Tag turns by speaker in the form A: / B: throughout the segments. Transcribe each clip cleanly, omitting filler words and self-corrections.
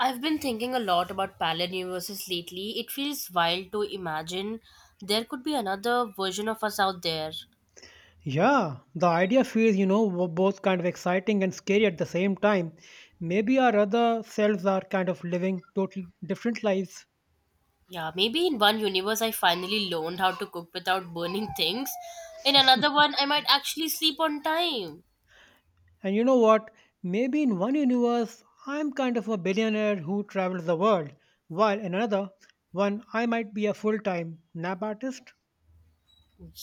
A: I've been thinking a lot about parallel universes lately. It feels wild to imagine there could be another version of us out there.
B: Yeah, the idea feels, w- both kind of exciting and scary at the same time. Maybe our other selves are kind of living totally different lives.
A: Yeah, maybe in one universe I finally learned how to cook without burning things. In another one, I might actually sleep on time.
B: And you know what? Maybe in one universe, I'm kind of a billionaire who travels the world, while in another one, I might be a full time nap artist.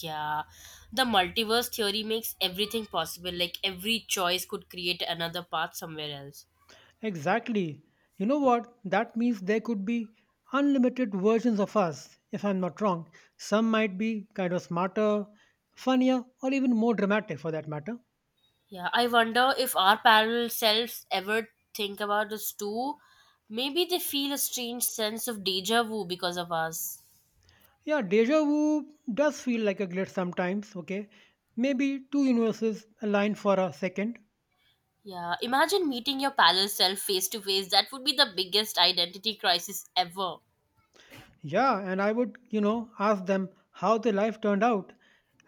A: Yeah, the multiverse theory makes everything possible. Like every choice could create another path somewhere else.
B: Exactly. You know what? That means there could be unlimited versions of us, if I'm not wrong. Some might be kind of smarter, funnier, or even more dramatic for that matter.
A: Yeah, I wonder if our parallel selves ever think about us too. Maybe they feel a strange sense of deja vu because of us.
B: Yeah, deja vu does feel like a glitch sometimes, okay? Maybe two universes align for a second.
A: Yeah, imagine meeting your parallel self face to face. That would be the biggest identity crisis ever.
B: Yeah, and I would, ask them how their life turned out.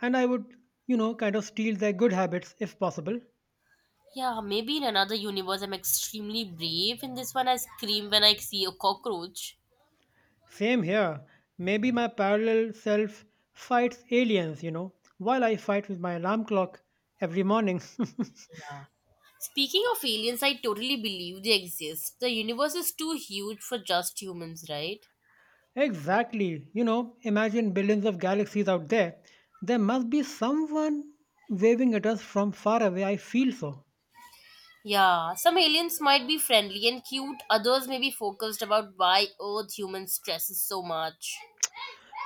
B: And I would, kind of steal their good habits if possible.
A: Yeah, maybe in another universe I'm extremely brave. In this one, I scream when I see a cockroach.
B: Same here. Maybe my parallel self fights aliens, while I fight with my alarm clock every morning.
A: Yeah. Speaking of aliens, I totally believe they exist. The universe is too huge for just humans, right?
B: Exactly. You know, imagine billions of galaxies out there. There must be someone waving at us from far away. I feel so.
A: Yeah, some aliens might be friendly and cute, others may be focused about why Earth humans stresses so much.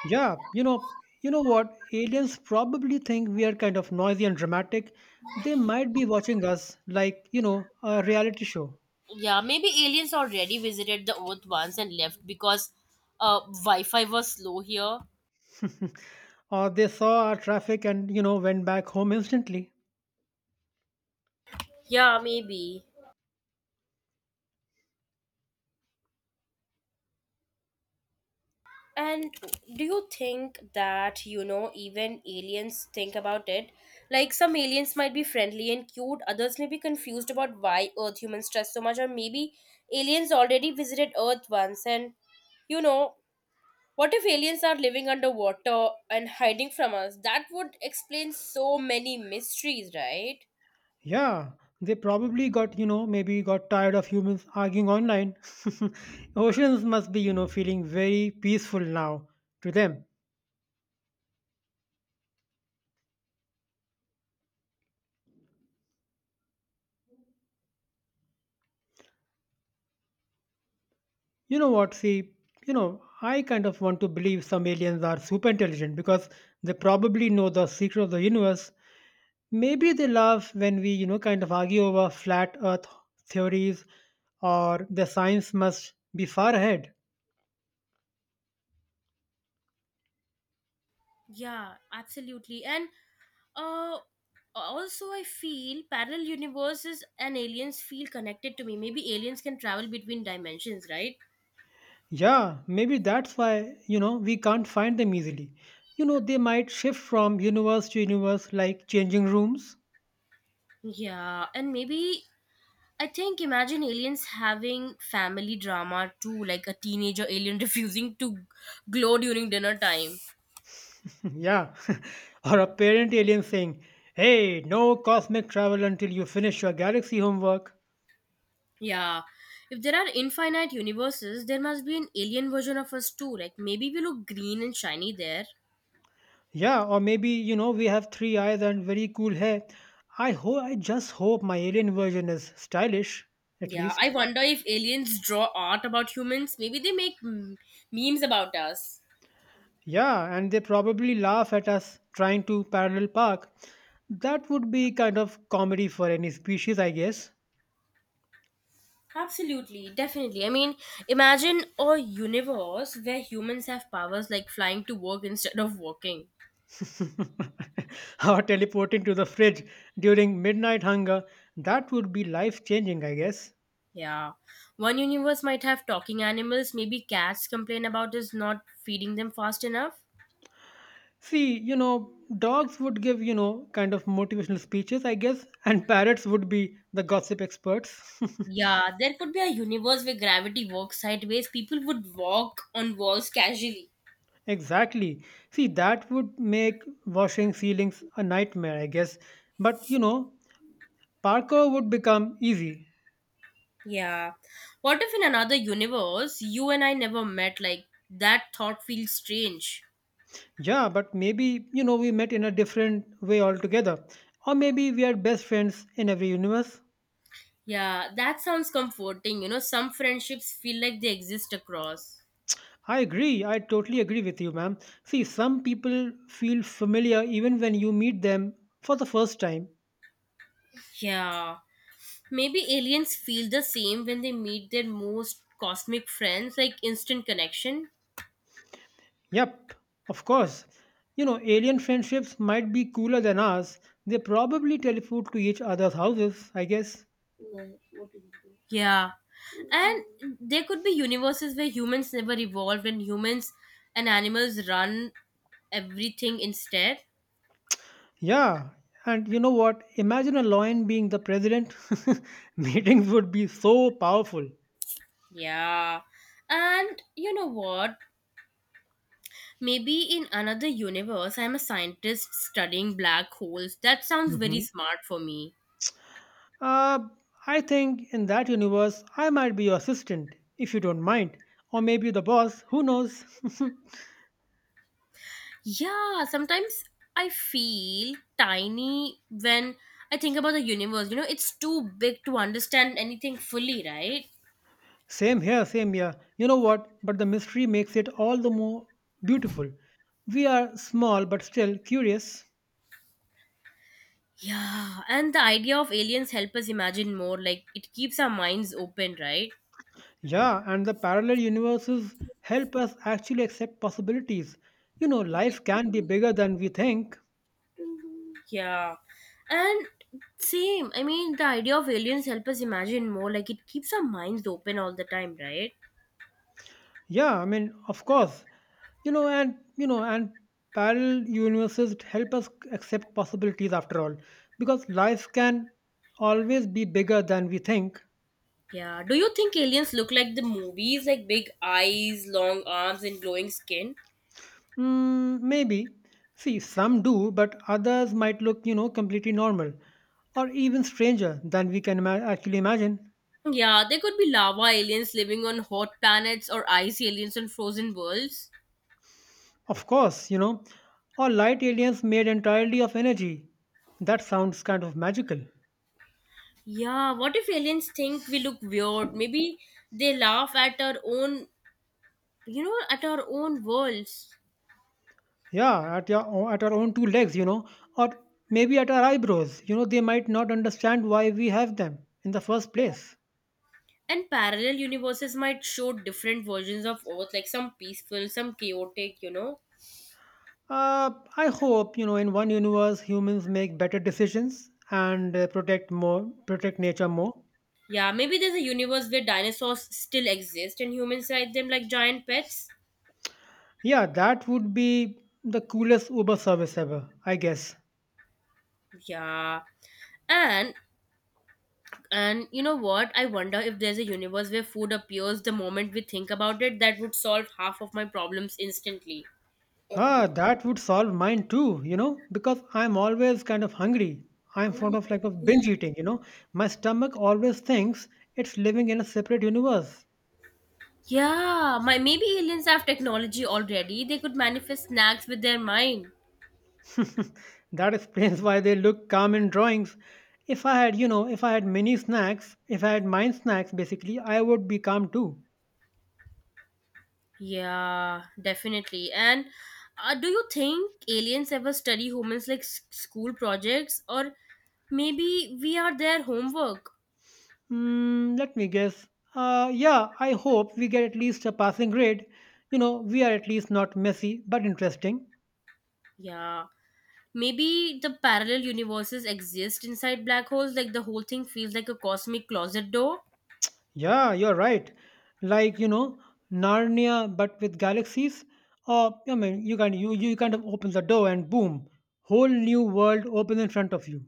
B: Yeah, you know what? Aliens probably think we are kind of noisy and dramatic. They might be watching us like, a reality show.
A: Yeah, maybe aliens already visited the Earth once and left because Wi Fi was slow here.
B: Or they saw our traffic and, went back home instantly.
A: Yeah, maybe. And do you think that, you know, even aliens think about it? Like, some aliens might be friendly and cute, others may be confused about why Earth humans stress so much, or maybe aliens already visited Earth once and, you know, what if aliens are living underwater and hiding from us? That would explain so many mysteries, right?
B: Yeah, they probably got, maybe got tired of humans arguing online. Oceans must be, feeling very peaceful now to them. You know what, see, I kind of want to believe some aliens are super intelligent because they probably know the secret of the universe. Maybe they laugh when we, kind of argue over flat earth theories or the science must be far ahead.
A: Yeah, absolutely. And uh also I feel parallel universes and aliens feel connected to me. Maybe aliens can travel between dimensions, right?
B: Yeah, maybe that's why, we can't find them easily. You know, they might shift from universe to universe like changing rooms.
A: Yeah, and maybe I think imagine aliens having family drama too, like a teenager alien refusing to glow during dinner time.
B: yeah. or a parent alien saying, hey, no cosmic travel until you finish your galaxy homework.
A: Yeah. If there are infinite universes, there must be an alien version of us too. Like maybe we look green and shiny there.
B: Yeah, or maybe, we have three eyes and very cool hair. I just hope my alien version is stylish, at
A: Yeah, I
B: least.
A: wonder if aliens draw art about humans. Maybe they make memes about us.
B: Yeah, and they probably laugh at us trying to parallel park. That would be kind of comedy for any species, I guess.
A: Absolutely, definitely. I mean, imagine a universe where humans have powers like flying to work instead of walking.
B: or teleporting to the fridge during midnight hunger. That would be life changing, I guess.
A: Yeah. One universe might have talking animals. Maybe cats complain about us not feeding them fast enough.
B: See, dogs would give, kind of motivational speeches, I guess, and parrots would be the gossip experts.
A: Yeah, there could be a universe where gravity works sideways. People would walk on walls casually.
B: exactly. See, that would make washing ceilings a nightmare, I guess. But, you know, parkour would become easy.
A: Yeah. What if in another universe you and I never met? Like, that thought feels strange.
B: Yeah, but maybe, we met in a different way altogether. Or maybe we are best friends in every universe.
A: Yeah, that sounds comforting. You know, some friendships feel like they exist across.
B: I agree. I totally agree with you, ma'am. See, some people feel familiar even when you meet them for the first time.
A: Yeah. Maybe aliens feel the same when they meet their most cosmic friends, like instant connection.
B: Yep, of course. You know, alien friendships might be cooler than ours. They probably teleport to each other's houses, I guess.
A: Yeah. And there could be universes where humans never evolved and humans and animals run everything instead.
B: Yeah, and you know what? Imagine a lion being the president. Meetings would be so powerful.
A: Yeah. And you know what? Maybe in another universe, I'm a scientist studying black holes. That sounds very
B: Mhm.
A: smart for me.
B: Uh, I think in that universe, I might be your assistant, if you don't mind. Or maybe the boss, who knows?
A: Yeah, sometimes I feel tiny when I think about the universe. You know, it's too big to understand anything fully, right?
B: Same here. You know what? But the mystery makes it all the more beautiful. We are small but still curious.
A: Yeah, and the idea of aliens help us imagine more. Like it keeps our minds open, right?
B: Yeah, and the parallel universes help us actually accept possibilities. You know, life can be bigger than we think.
A: Yeah, and same. I mean, the idea of aliens help us imagine more. Like it keeps our minds open all the time, right?
B: Yeah, I mean, of course, and parallel universes help us accept possibilities after all, because life can always be bigger than we think.
A: Yeah. Do you think aliens look like the movies, like big eyes, long arms, and glowing skin?
B: Mm, maybe. See, some do, but others might look, completely normal or even stranger than we can actually imagine.
A: Yeah, they could be lava aliens living on hot planets or ice aliens on frozen worlds.
B: Of course, or light aliens made entirely of energy. That sounds kind of magical.
A: Yeah, what if aliens think we look weird? Maybe they laugh at our own you know, at our own worlds.
B: Yeah, at our own two legs, or maybe at our eyebrows. You know, they might not understand why we have them in the first place.
A: And parallel universes might show different versions of Earth, like some peaceful, some chaotic, you know.
B: I hope you know, in one universe, humans make better decisions and protect nature more.
A: Yeah, maybe there's a universe where dinosaurs still exist and humans ride them like giant pets.
B: Yeah, that would be the coolest Uber service ever, I guess.
A: Yeah. And and you know what? I wonder if there's a universe where food appears the moment we think about it, that would solve half of my problems instantly.
B: Ah, that would solve mine too, because I'm always kind of hungry. I'm fond of
A: Yeah.
B: binge eating, you know. My stomach always thinks it's living in a separate universe.
A: Yeah, my maybe aliens have technology already. They could manifest snacks with their mind.
B: That explains why they look calm in drawings. If I had, you know, if I had mini snacks, if I had mind snacks basically, I would be calm too.
A: Yeah, definitely. And do you think aliens ever study humans like school projects or maybe we are their homework?
B: Hmm, let me guess. Yeah, I hope we get at least a passing grade. You know, we are at least not messy, but interesting.
A: Yeah. Maybe the parallel universes exist inside black holes like the whole thing feels like a cosmic closet door?
B: Yeah, you're right. Like, Narnia but with galaxies. Or, I mean, you can you you kind of open the door and boom, whole new world opens in front of you.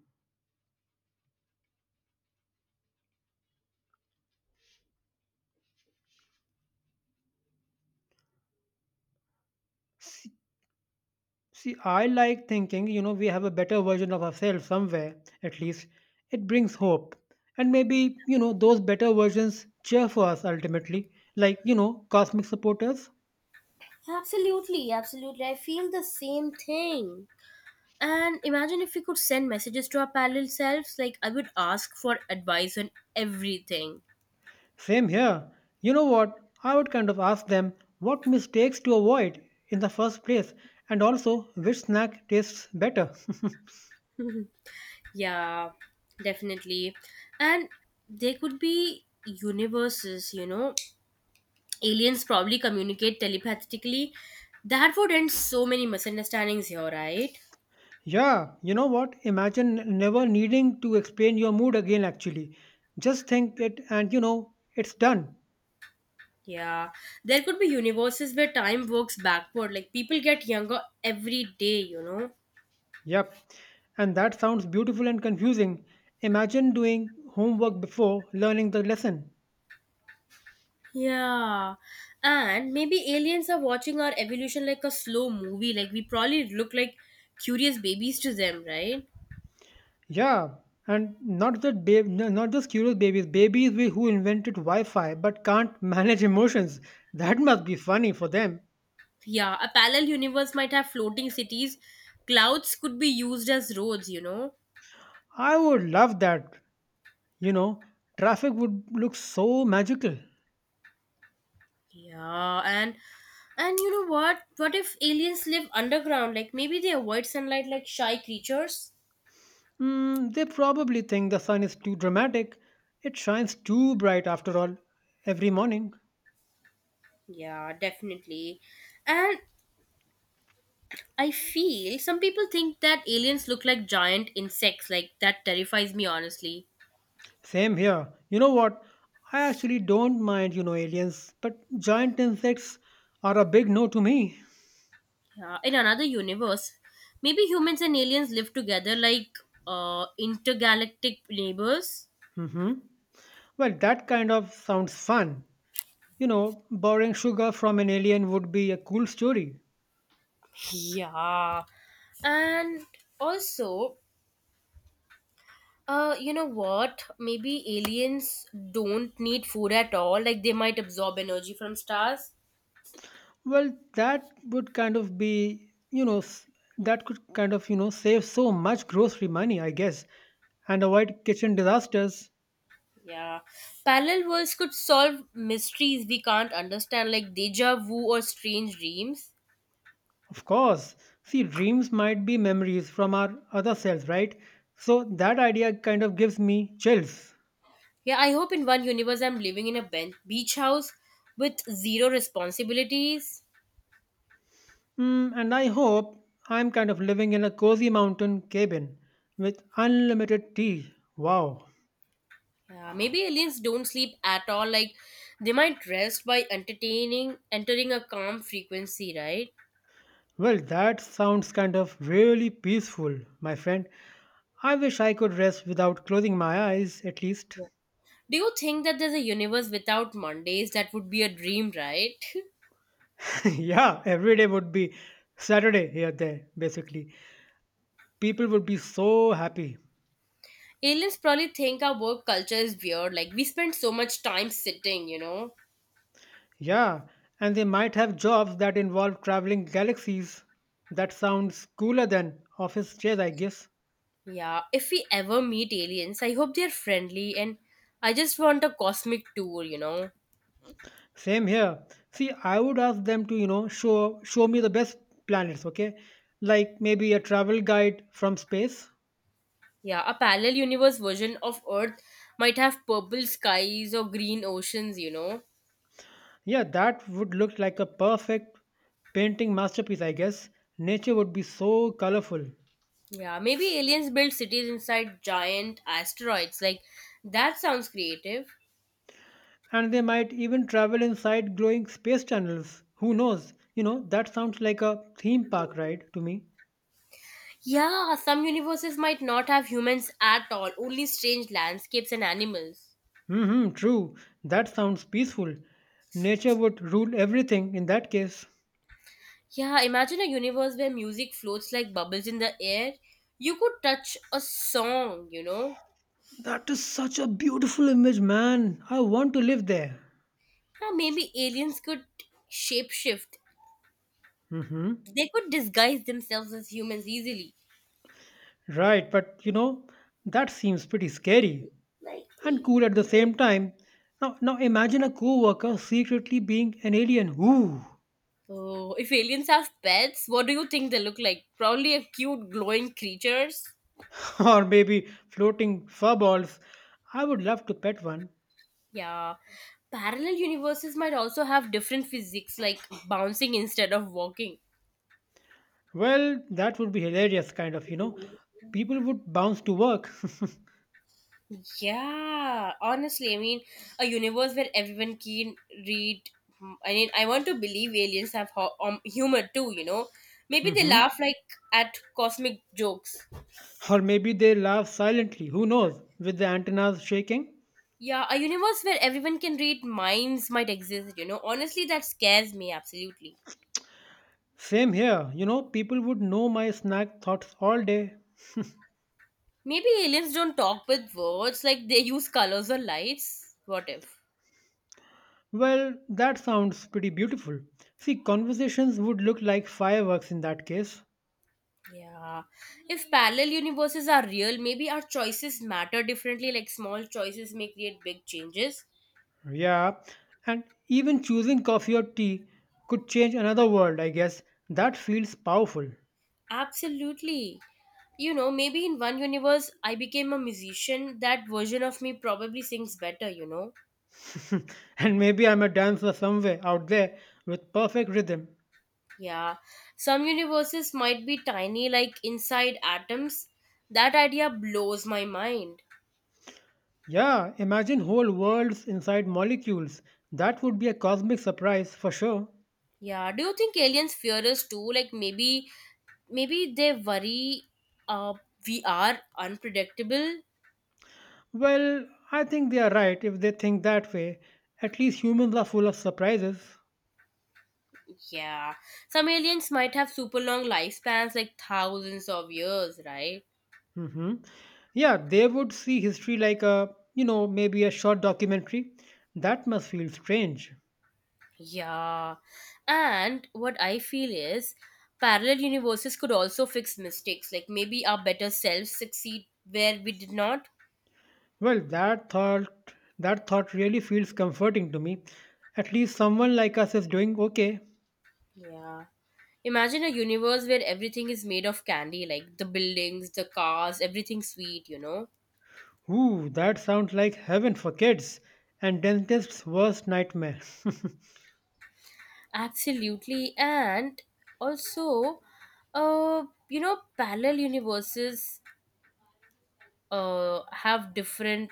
B: See, I like thinking, we have a better version of ourselves somewhere, at least. It brings hope. And maybe, those better versions cheer for us ultimately, like, cosmic supporters.
A: Absolutely, absolutely. I feel the same thing. And imagine if we could send messages to our parallel selves like I would ask for advice on everything.
B: Same here. You know what? I would kind of ask them what mistakes to avoid in the first place, and also which snack tastes better.
A: Yeah, definitely. And there could be universes, you know. Aliens probably communicate telepathically. That would end so many misunderstandings here, right?
B: yeah, you know what? Imagine never needing to explain your mood again, actually. Just think it, and you know, it's done.
A: Yeah. There could be universes where time works backward. Like people get younger every day, you know.
B: Yep, and that sounds beautiful and confusing. Imagine doing homework before learning the lesson.
A: Yeah. And maybe aliens are watching our evolution like a slow movie. Like we probably look like curious babies to them, right?
B: Yeah, and not just curious babies, who invented Wi-Fi but can't manage emotions. That must be funny for them.
A: Yeah, a parallel universe might have floating cities. Clouds could be used as roads, you know.
B: I would love that. You know, traffic would look so magical.
A: Yeah, and you know what? What if aliens live underground? Like maybe they avoid sunlight like shy creatures?
B: Mm, they probably think the sun is too dramatic. It shines too bright after all, every morning.
A: Yeah, definitely. And I feel some people think that aliens look like giant insects. Like that terrifies me honestly.
B: Same here. You know what? I actually don't mind, aliens, but giant insects are a big no to me.
A: Yeah, in another universe, maybe humans and aliens live together like intergalactic neighbors.
B: Hmm Well, that kind of sounds fun. You know, borrowing sugar from an alien would be a cool story.
A: Yeah. And also, you know what? Maybe aliens don't need food at all. Like they might absorb energy from stars.
B: Well, that would kind of be, that could kind of, save so much grocery money, I guess, and avoid kitchen disasters.
A: Yeah. Parallel worlds could solve mysteries we can't understand, like deja vu or strange dreams.
B: Of course. See, dreams might be memories from our other selves, right? So that idea kind of gives me chills.
A: Yeah, I hope in one universe I'm living in a beach house with zero responsibilities.
B: Mm, and I hope I'm kind of living in a cozy mountain cabin with unlimited tea. Wow.
A: Yeah, maybe aliens don't sleep at all. Like they might rest by entering a calm frequency, right?
B: Well, that sounds kind of really peaceful, my friend. I wish I could rest without closing my eyes, at least.
A: Yeah. Do you think that there's a universe without Mondays? That would be a dream, right?
B: yeah, every day would be Saturday here, there, basically. People would be so happy.
A: Aliens probably think our work culture is weird. Like, we spend so much time sitting, you know?
B: Yeah, and they might have jobs that involve traveling galaxies. That sounds cooler than office chairs, I guess.
A: Yeah. If we ever meet aliens, I hope they're friendly and I just want a cosmic tour, you know?
B: Same here. See, I would ask them to, show me the best planets, okay? Like maybe a travel guide from space.
A: Yeah. A parallel universe version of Earth might have purple skies or green oceans, you know?
B: Yeah, that would look like a perfect painting masterpiece, I guess. Nature would be so colorful.
A: Yeah. Maybe aliens build cities inside giant asteroids. Like, that sounds creative.
B: And they might even travel inside glowing space tunnels. Who knows? You know, that sounds like a theme park ride to me.
A: Yeah, some universes might not have humans at all, only strange landscapes and animals.
B: Hmm true. That sounds peaceful. Nature would rule everything in that case.
A: Yeah, imagine a universe where music floats like bubbles in the air. You could touch a song, you know?
B: That is such a beautiful image, man. I want to live there.
A: Huh, maybe aliens could shapeshift.
B: Hmm
A: They could disguise themselves as humans easily.
B: Right, but you know, that seems pretty scary and cool at the same time. Now imagine a coworker secretly being an alien. Ooh,
A: Oh, if aliens have pets, what do you think they look like? Probably a cute glowing creatures.
B: or maybe floating fur balls. I would love to pet one.
A: Yeah. Parallel universes might also have different physics like bouncing instead of walking.
B: Well, that would be hilarious, kind of, you know. People would bounce to work.
A: Yeah, honestly, I mean, a universe where everyone can read. I mean, I want to believe aliens have humor too, you know? Maybe they
B: hmm
A: laugh like at cosmic jokes.
B: Or maybe they laugh silently, who knows, with the antennas shaking.
A: Yeah, a universe where everyone can read minds might exist, you know? Honestly, that scares me absolutely.
B: Same here, people would know my snack thoughts all day.
A: Maybe aliens don't talk with words, like they use colors or lights. What if?
B: Well, that sounds pretty beautiful. See, conversations would look like fireworks in that case.
A: Yeah. If parallel universes are real, maybe our choices matter differently, like small choices may create big changes.
B: Yeah, and even choosing coffee or tea could change another world, I guess. That feels powerful.
A: Absolutely. You know, maybe in one universe I became a musician, that version of me probably sings better, you know?
B: And maybe I'm a dancer somewhere out there with perfect rhythm.
A: Yeah. Some universes might be tiny, like inside atoms. That idea blows my mind.
B: Yeah, imagine whole worlds inside molecules. That would be a cosmic surprise for sure.
A: Yeah. Do you think aliens fear us too? Like maybe they worry uh we are unpredictable.
B: Well, I think they are right if they think that way. At least humans are full of surprises.
A: Yeah. Some aliens might have super long lifespans, like thousands of years, right?
B: Hmm Yeah, they would see history like a, maybe a short documentary. That must feel strange.
A: Yeah. And what I feel is parallel universes could also fix mistakes. Like maybe our better selves succeed where we did not.
B: Well, that thought really feels comforting to me. At least someone like us is doing okay.
A: Yeah. Imagine a universe where everything is made of candy, like the buildings, the cars, everything sweet, you know?
B: Ooh, that sounds like heaven for kids and dentist's worst nightmare.
A: Absolutely. And also, you know, parallel universes have different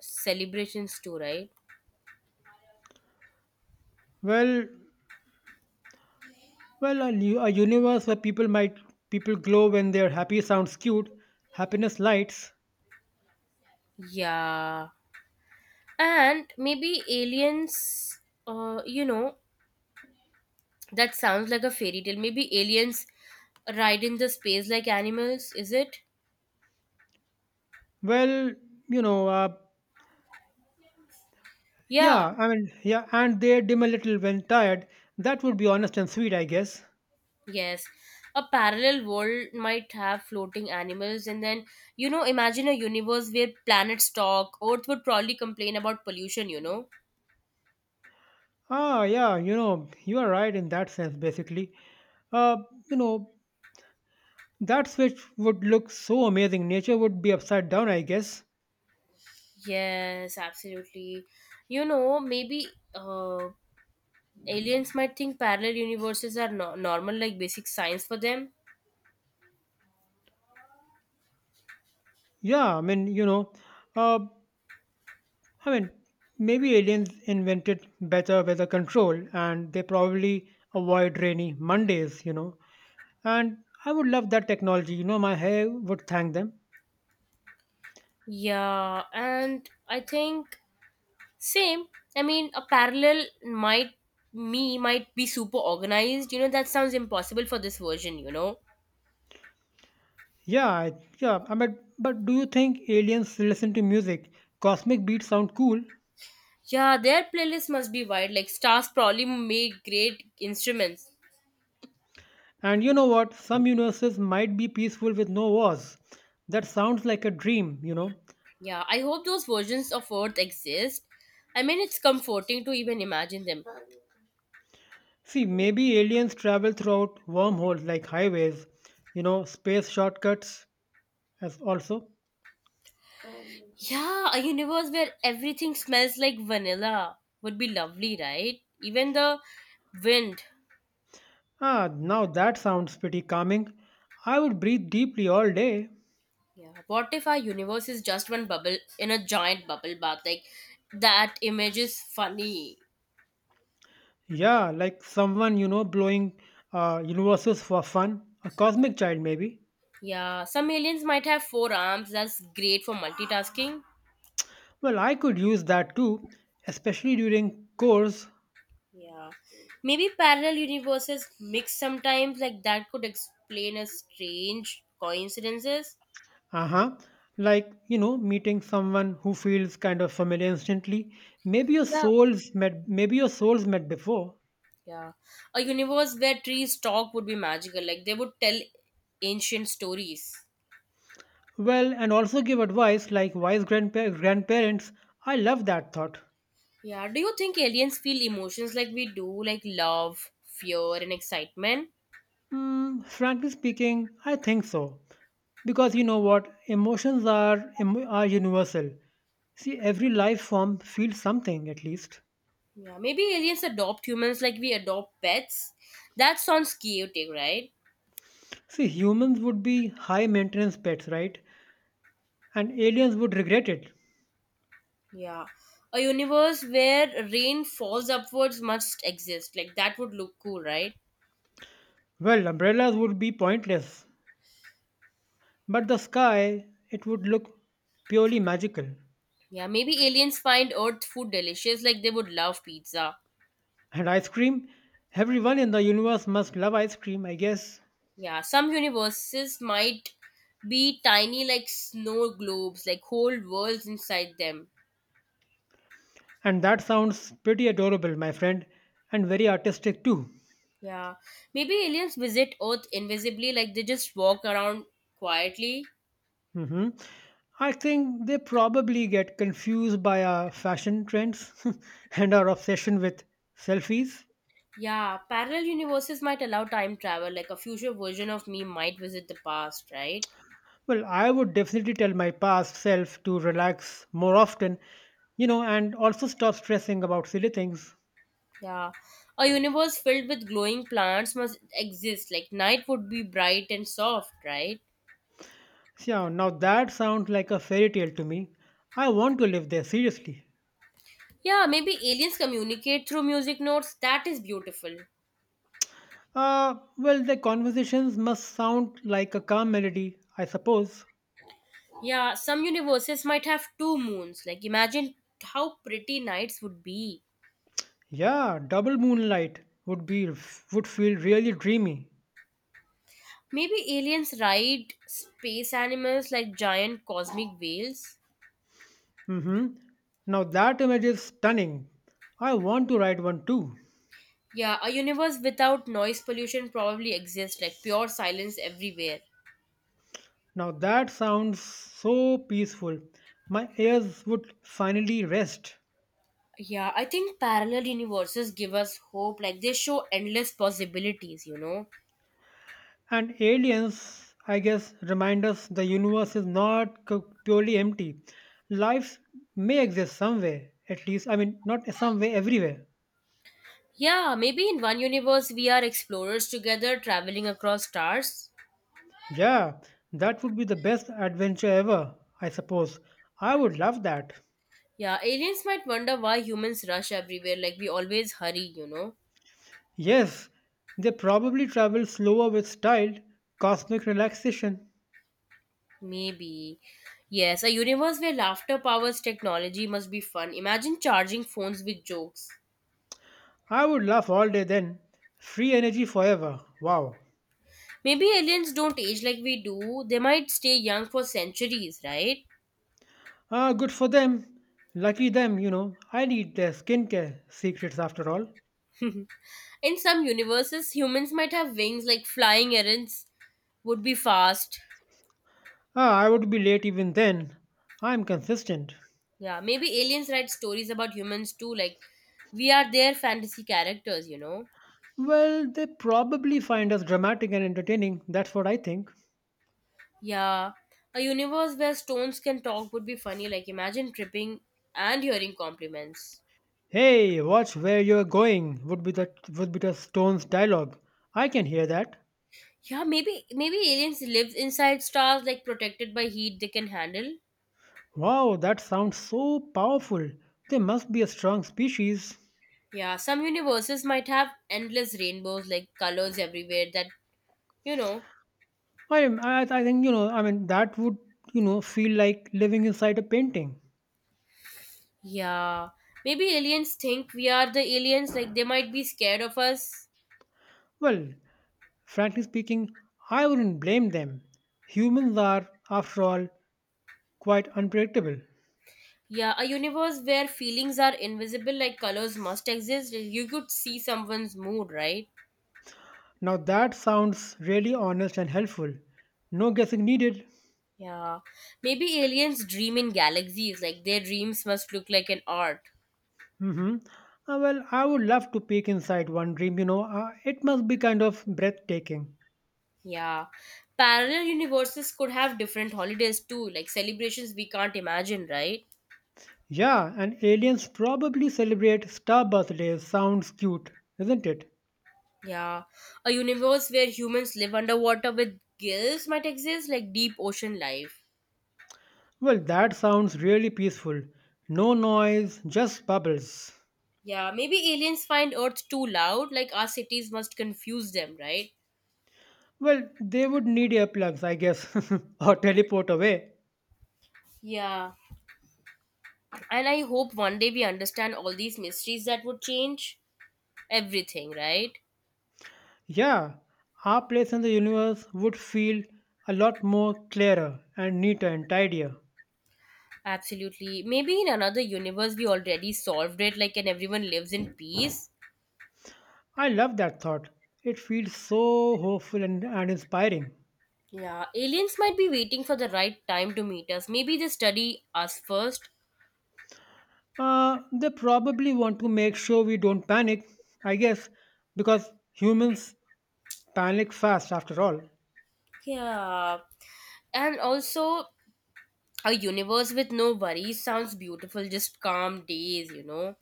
A: celebrations too, right?
B: well, well, a universe where people glow when they're happy sounds cute. Happiness lights.
A: Yeah. And maybe aliens you know, that sounds like a fairy tale, maybe aliens ride in the space like animals, is it?
B: Well, you know, uh,
A: Yeah.
B: yeah, I mean, yeah, and they dim a little when tired. That would be honest and sweet, I guess.
A: Yes, a parallel world might have floating animals. And then, you know, imagine a universe where planets talk, earth would probably complain about pollution, you know.
B: Ah, yeah, you are right in that sense, basically. Uh, you know, that switch would look so amazing. Nature would be upside down, I guess.
A: Yes, absolutely. You know, maybe uh, aliens might think parallel universes are normal, like basic science for them.
B: Yeah, uh, I mean, maybe aliens invented better weather control and they probably avoid rainy Mondays, you know. And I would love that technology, you know, my hair would thank them.
A: Yeah, and I think same. I mean, a parallel might me might be super organized. You know, that sounds impossible for this version. You know.
B: Yeah, I mean, but do you think aliens listen to music? Cosmic beats sound cool.
A: Yeah, their playlist must be wide. Like stars probably made great instruments.
B: And you know what? Some universes might be peaceful with no wars. That sounds like a dream, you know.
A: Yeah, I hope those versions of Earth exist. I mean, it's comforting to even imagine them.
B: See, maybe aliens travel throughout wormholes like highways, you know, space shortcuts as also.
A: Yeah, a universe where everything smells like vanilla would be lovely, right? Even the wind.
B: Ah, now that sounds pretty calming. I would breathe deeply all day.
A: Yeah. What if our universe is just one bubble in a giant bubble bath? Like that image is funny.
B: Yeah, like someone, you know, blowing universes for fun, a cosmic child maybe.
A: Yeah. Some aliens might have four arms. That's great for multitasking.
B: Well, I could use that too, especially during course.
A: Yeah. Maybe parallel universes mix sometimes. Like that could explain a strange coincidences.
B: Uh huh. Like, you know, meeting someone who feels kind of familiar instantly. Maybe your
A: Yeah.
B: souls met, maybe your souls met before.
A: Yeah. A universe where trees talk would be magical. Like they would tell ancient stories.
B: Well, and also give advice like wise grandparents. I love that thought.
A: Yeah. Do you think aliens feel emotions like we do? Like love, fear, and excitement?
B: Hmm, frankly speaking, I think so. Because you know what? Emotions are universal. See, every life form feels something at least.
A: Yeah, maybe aliens adopt humans like we adopt pets. That sounds chaotic, right?
B: See, humans would be high maintenance pets, right? And aliens would regret it.
A: Yeah. A universe where rain falls upwards must exist. Like that would look cool, right?
B: Well, umbrellas would be pointless, but the sky, it would look purely magical.
A: Yeah, maybe aliens find earth food delicious like they would love pizza.
B: And ice cream? Everyone in the universe must love ice cream, I guess.
A: Yeah, some universes might be tiny like snow globes, like whole worlds inside them.
B: And that sounds pretty adorable, my friend, and very artistic too.
A: Yeah. Maybe aliens visit earth invisibly like they just walk around quietly.
B: Hmm. I think they probably get confused by our fashion trends and our obsession with selfies.
A: Yeah, parallel universes might allow time travel, like a future version of me might visit the past, right?
B: Well, I would definitely tell my past self to relax more often, you know, and also stop stressing about silly things.
A: Yeah. A universe filled with glowing plants must exist, like night would be bright and soft, right?
B: Yeah, now that sounds like a fairy tale to me. I want to live there, seriously.
A: Yeah, maybe aliens communicate through music notes. That is beautiful.
B: Well, the conversations must sound like a calm melody, I suppose.
A: Yeah, some universes might have two moons. Like, imagine how pretty nights would be.
B: Yeah, double moonlight would feel really dreamy.
A: Maybe aliens ride space animals like giant cosmic whales.
B: Hmm. Now that image is stunning. I want to write one too.
A: Yeah, a universe without noise pollution probably exists, like pure silence everywhere.
B: Now that sounds so peaceful. My ears would finally rest.
A: Yeah, I think parallel universes give us hope, like they show endless possibilities, you know.
B: And aliens, I guess, remind us the universe is not purely empty. Life may exist somewhere, at least. I mean, not somewhere, everywhere.
A: Yeah, maybe in one universe we are explorers together traveling across stars.
B: Yeah, that would be the best adventure ever, I suppose. I would love that.
A: Yeah, aliens might wonder why humans rush everywhere, like we always hurry, you know.
B: Yes, they probably travel slower with styled cosmic relaxation.
A: Maybe. Yes, a universe where laughter powers technology must be fun. Imagine charging phones with jokes.
B: I would laugh all day then. Free energy forever. Wow.
A: Maybe aliens don't age like we do. They might stay young for centuries, right?
B: Ah, good for them. Lucky them, you know. I need their skincare secrets after all.
A: In some universes, humans might have wings like flying errands would be fast.
B: Ah, I would be late even then. I'm consistent.
A: Yeah, maybe aliens write stories about humans too, like we are their fantasy characters, you know?
B: Well, they probably find us dramatic and entertaining. That's what I think.
A: Yeah. A universe where stones can talk would be funny, like imagine tripping and hearing compliments.
B: "Hey, watch where you're going" would be the Stones' dialogue. I can hear that.
A: Yeah, maybe aliens live inside stars like protected by heat they can handle.
B: Wow, that sounds so powerful. They must be a strong species.
A: Yeah, some universes might have endless rainbows, like colors everywhere that, you know,
B: I, am I think you know. I mean, that would you know feel like living inside a painting.
A: yeah. Maybe aliens think we are the aliens, like they might be scared of us.
B: Well, frankly speaking, I wouldn't blame them. Humans are, after all, quite unpredictable.
A: Yeah, a universe where feelings are invisible, like colors must exist. You could see someone's mood, right?
B: Now that sounds really honest and helpful. No guessing needed.
A: Yeah. Maybe aliens dream in galaxies, like their dreams must look like an art.
B: Hmm. Well, I would love to peek inside one dream. It must be kind of breathtaking.
A: Yeah. Parallel universes could have different holidays too, like celebrations we can't imagine, right?
B: Yeah, and aliens probably celebrate star birthdays. Sounds cute, isn't it?
A: Yeah, a universe where humans live underwater with gills might exist, like deep ocean life.
B: Well, that sounds really peaceful. No noise, just bubbles.
A: Yeah, maybe aliens find Earth too loud, like our cities must confuse them, right?
B: Well, they would need earplugs, I guess, or teleport away.
A: Yeah, and I hope one day we understand all these mysteries that would change everything, right?
B: Yeah, our place in the universe would feel a lot more clearer and neater and tidier.
A: Absolutely. Maybe in another universe we already solved it, like, and everyone lives in peace.
B: I love that thought. It feels so hopeful and inspiring.
A: Yeah, aliens might be waiting for the right time to meet us. Maybe they study us first.
B: They probably want to make sure we don't panic, I guess, because humans panic fast after all.
A: Yeah, and also a universe with no worries sounds beautiful, just calm days, you know.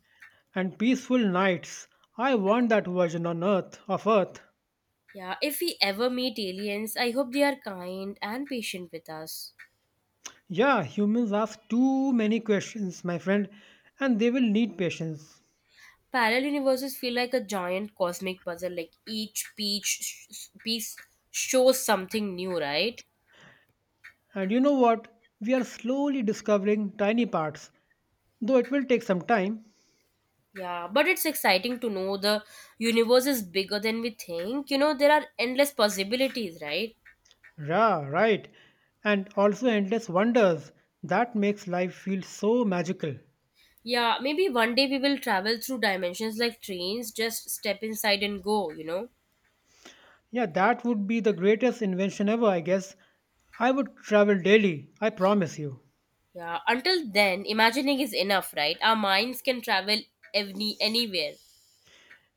B: And peaceful nights. I want that version on Earth of Earth.
A: Yeah, if we ever meet aliens, I hope they are kind and patient with us.
B: Yeah, humans ask too many questions, my friend, and they will need patience.
A: Parallel universes feel like a giant cosmic puzzle, like each piece, piece shows something new, right?
B: And you know what? We are slowly discovering tiny parts, though it will take some time.
A: Yeah, but it's exciting to know the universe is bigger than we think. You know, there are endless possibilities, right?
B: Ra, right. And also endless wonders. That makes life feel so magical.
A: Yeah, maybe one day we will travel through dimensions like trains, just step inside and go, you know?
B: Yeah, that would be the greatest invention ever, I guess. I would travel daily, I promise you.
A: Yeah, until then, imagining is enough, right? Our minds can travel anywhere.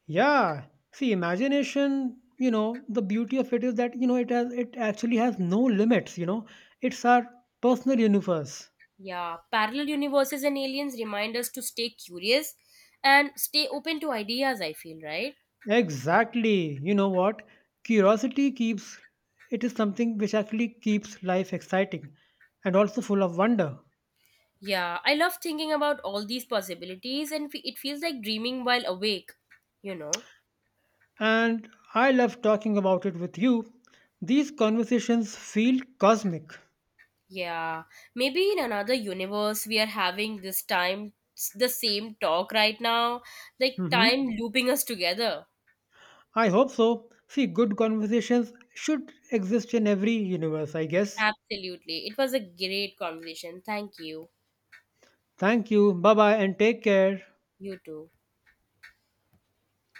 B: Yeah. See, imagination, you know, the beauty of it is that it actually has no limits, you know. It's our personal universe.
A: Yeah, parallel universes and aliens remind us to stay curious and stay open to ideas, I feel, right?
B: Exactly. You know what? Curiosity keeps it is something which actually keeps life exciting and also full of wonder.
A: Yeah, I love thinking about all these possibilities and it feels like dreaming while awake, you know?
B: And I love talking about it with you. These conversations feel cosmic.
A: Yeah, maybe in another universe we are having this time the same talk right now, like
B: Hmm.
A: time looping us together.
B: I hope so. See, good conversations should exist in every universe, I guess.
A: Absolutely. It was a great conversation. Thank you.
B: Thank you. Bye bye and take care.
A: You too.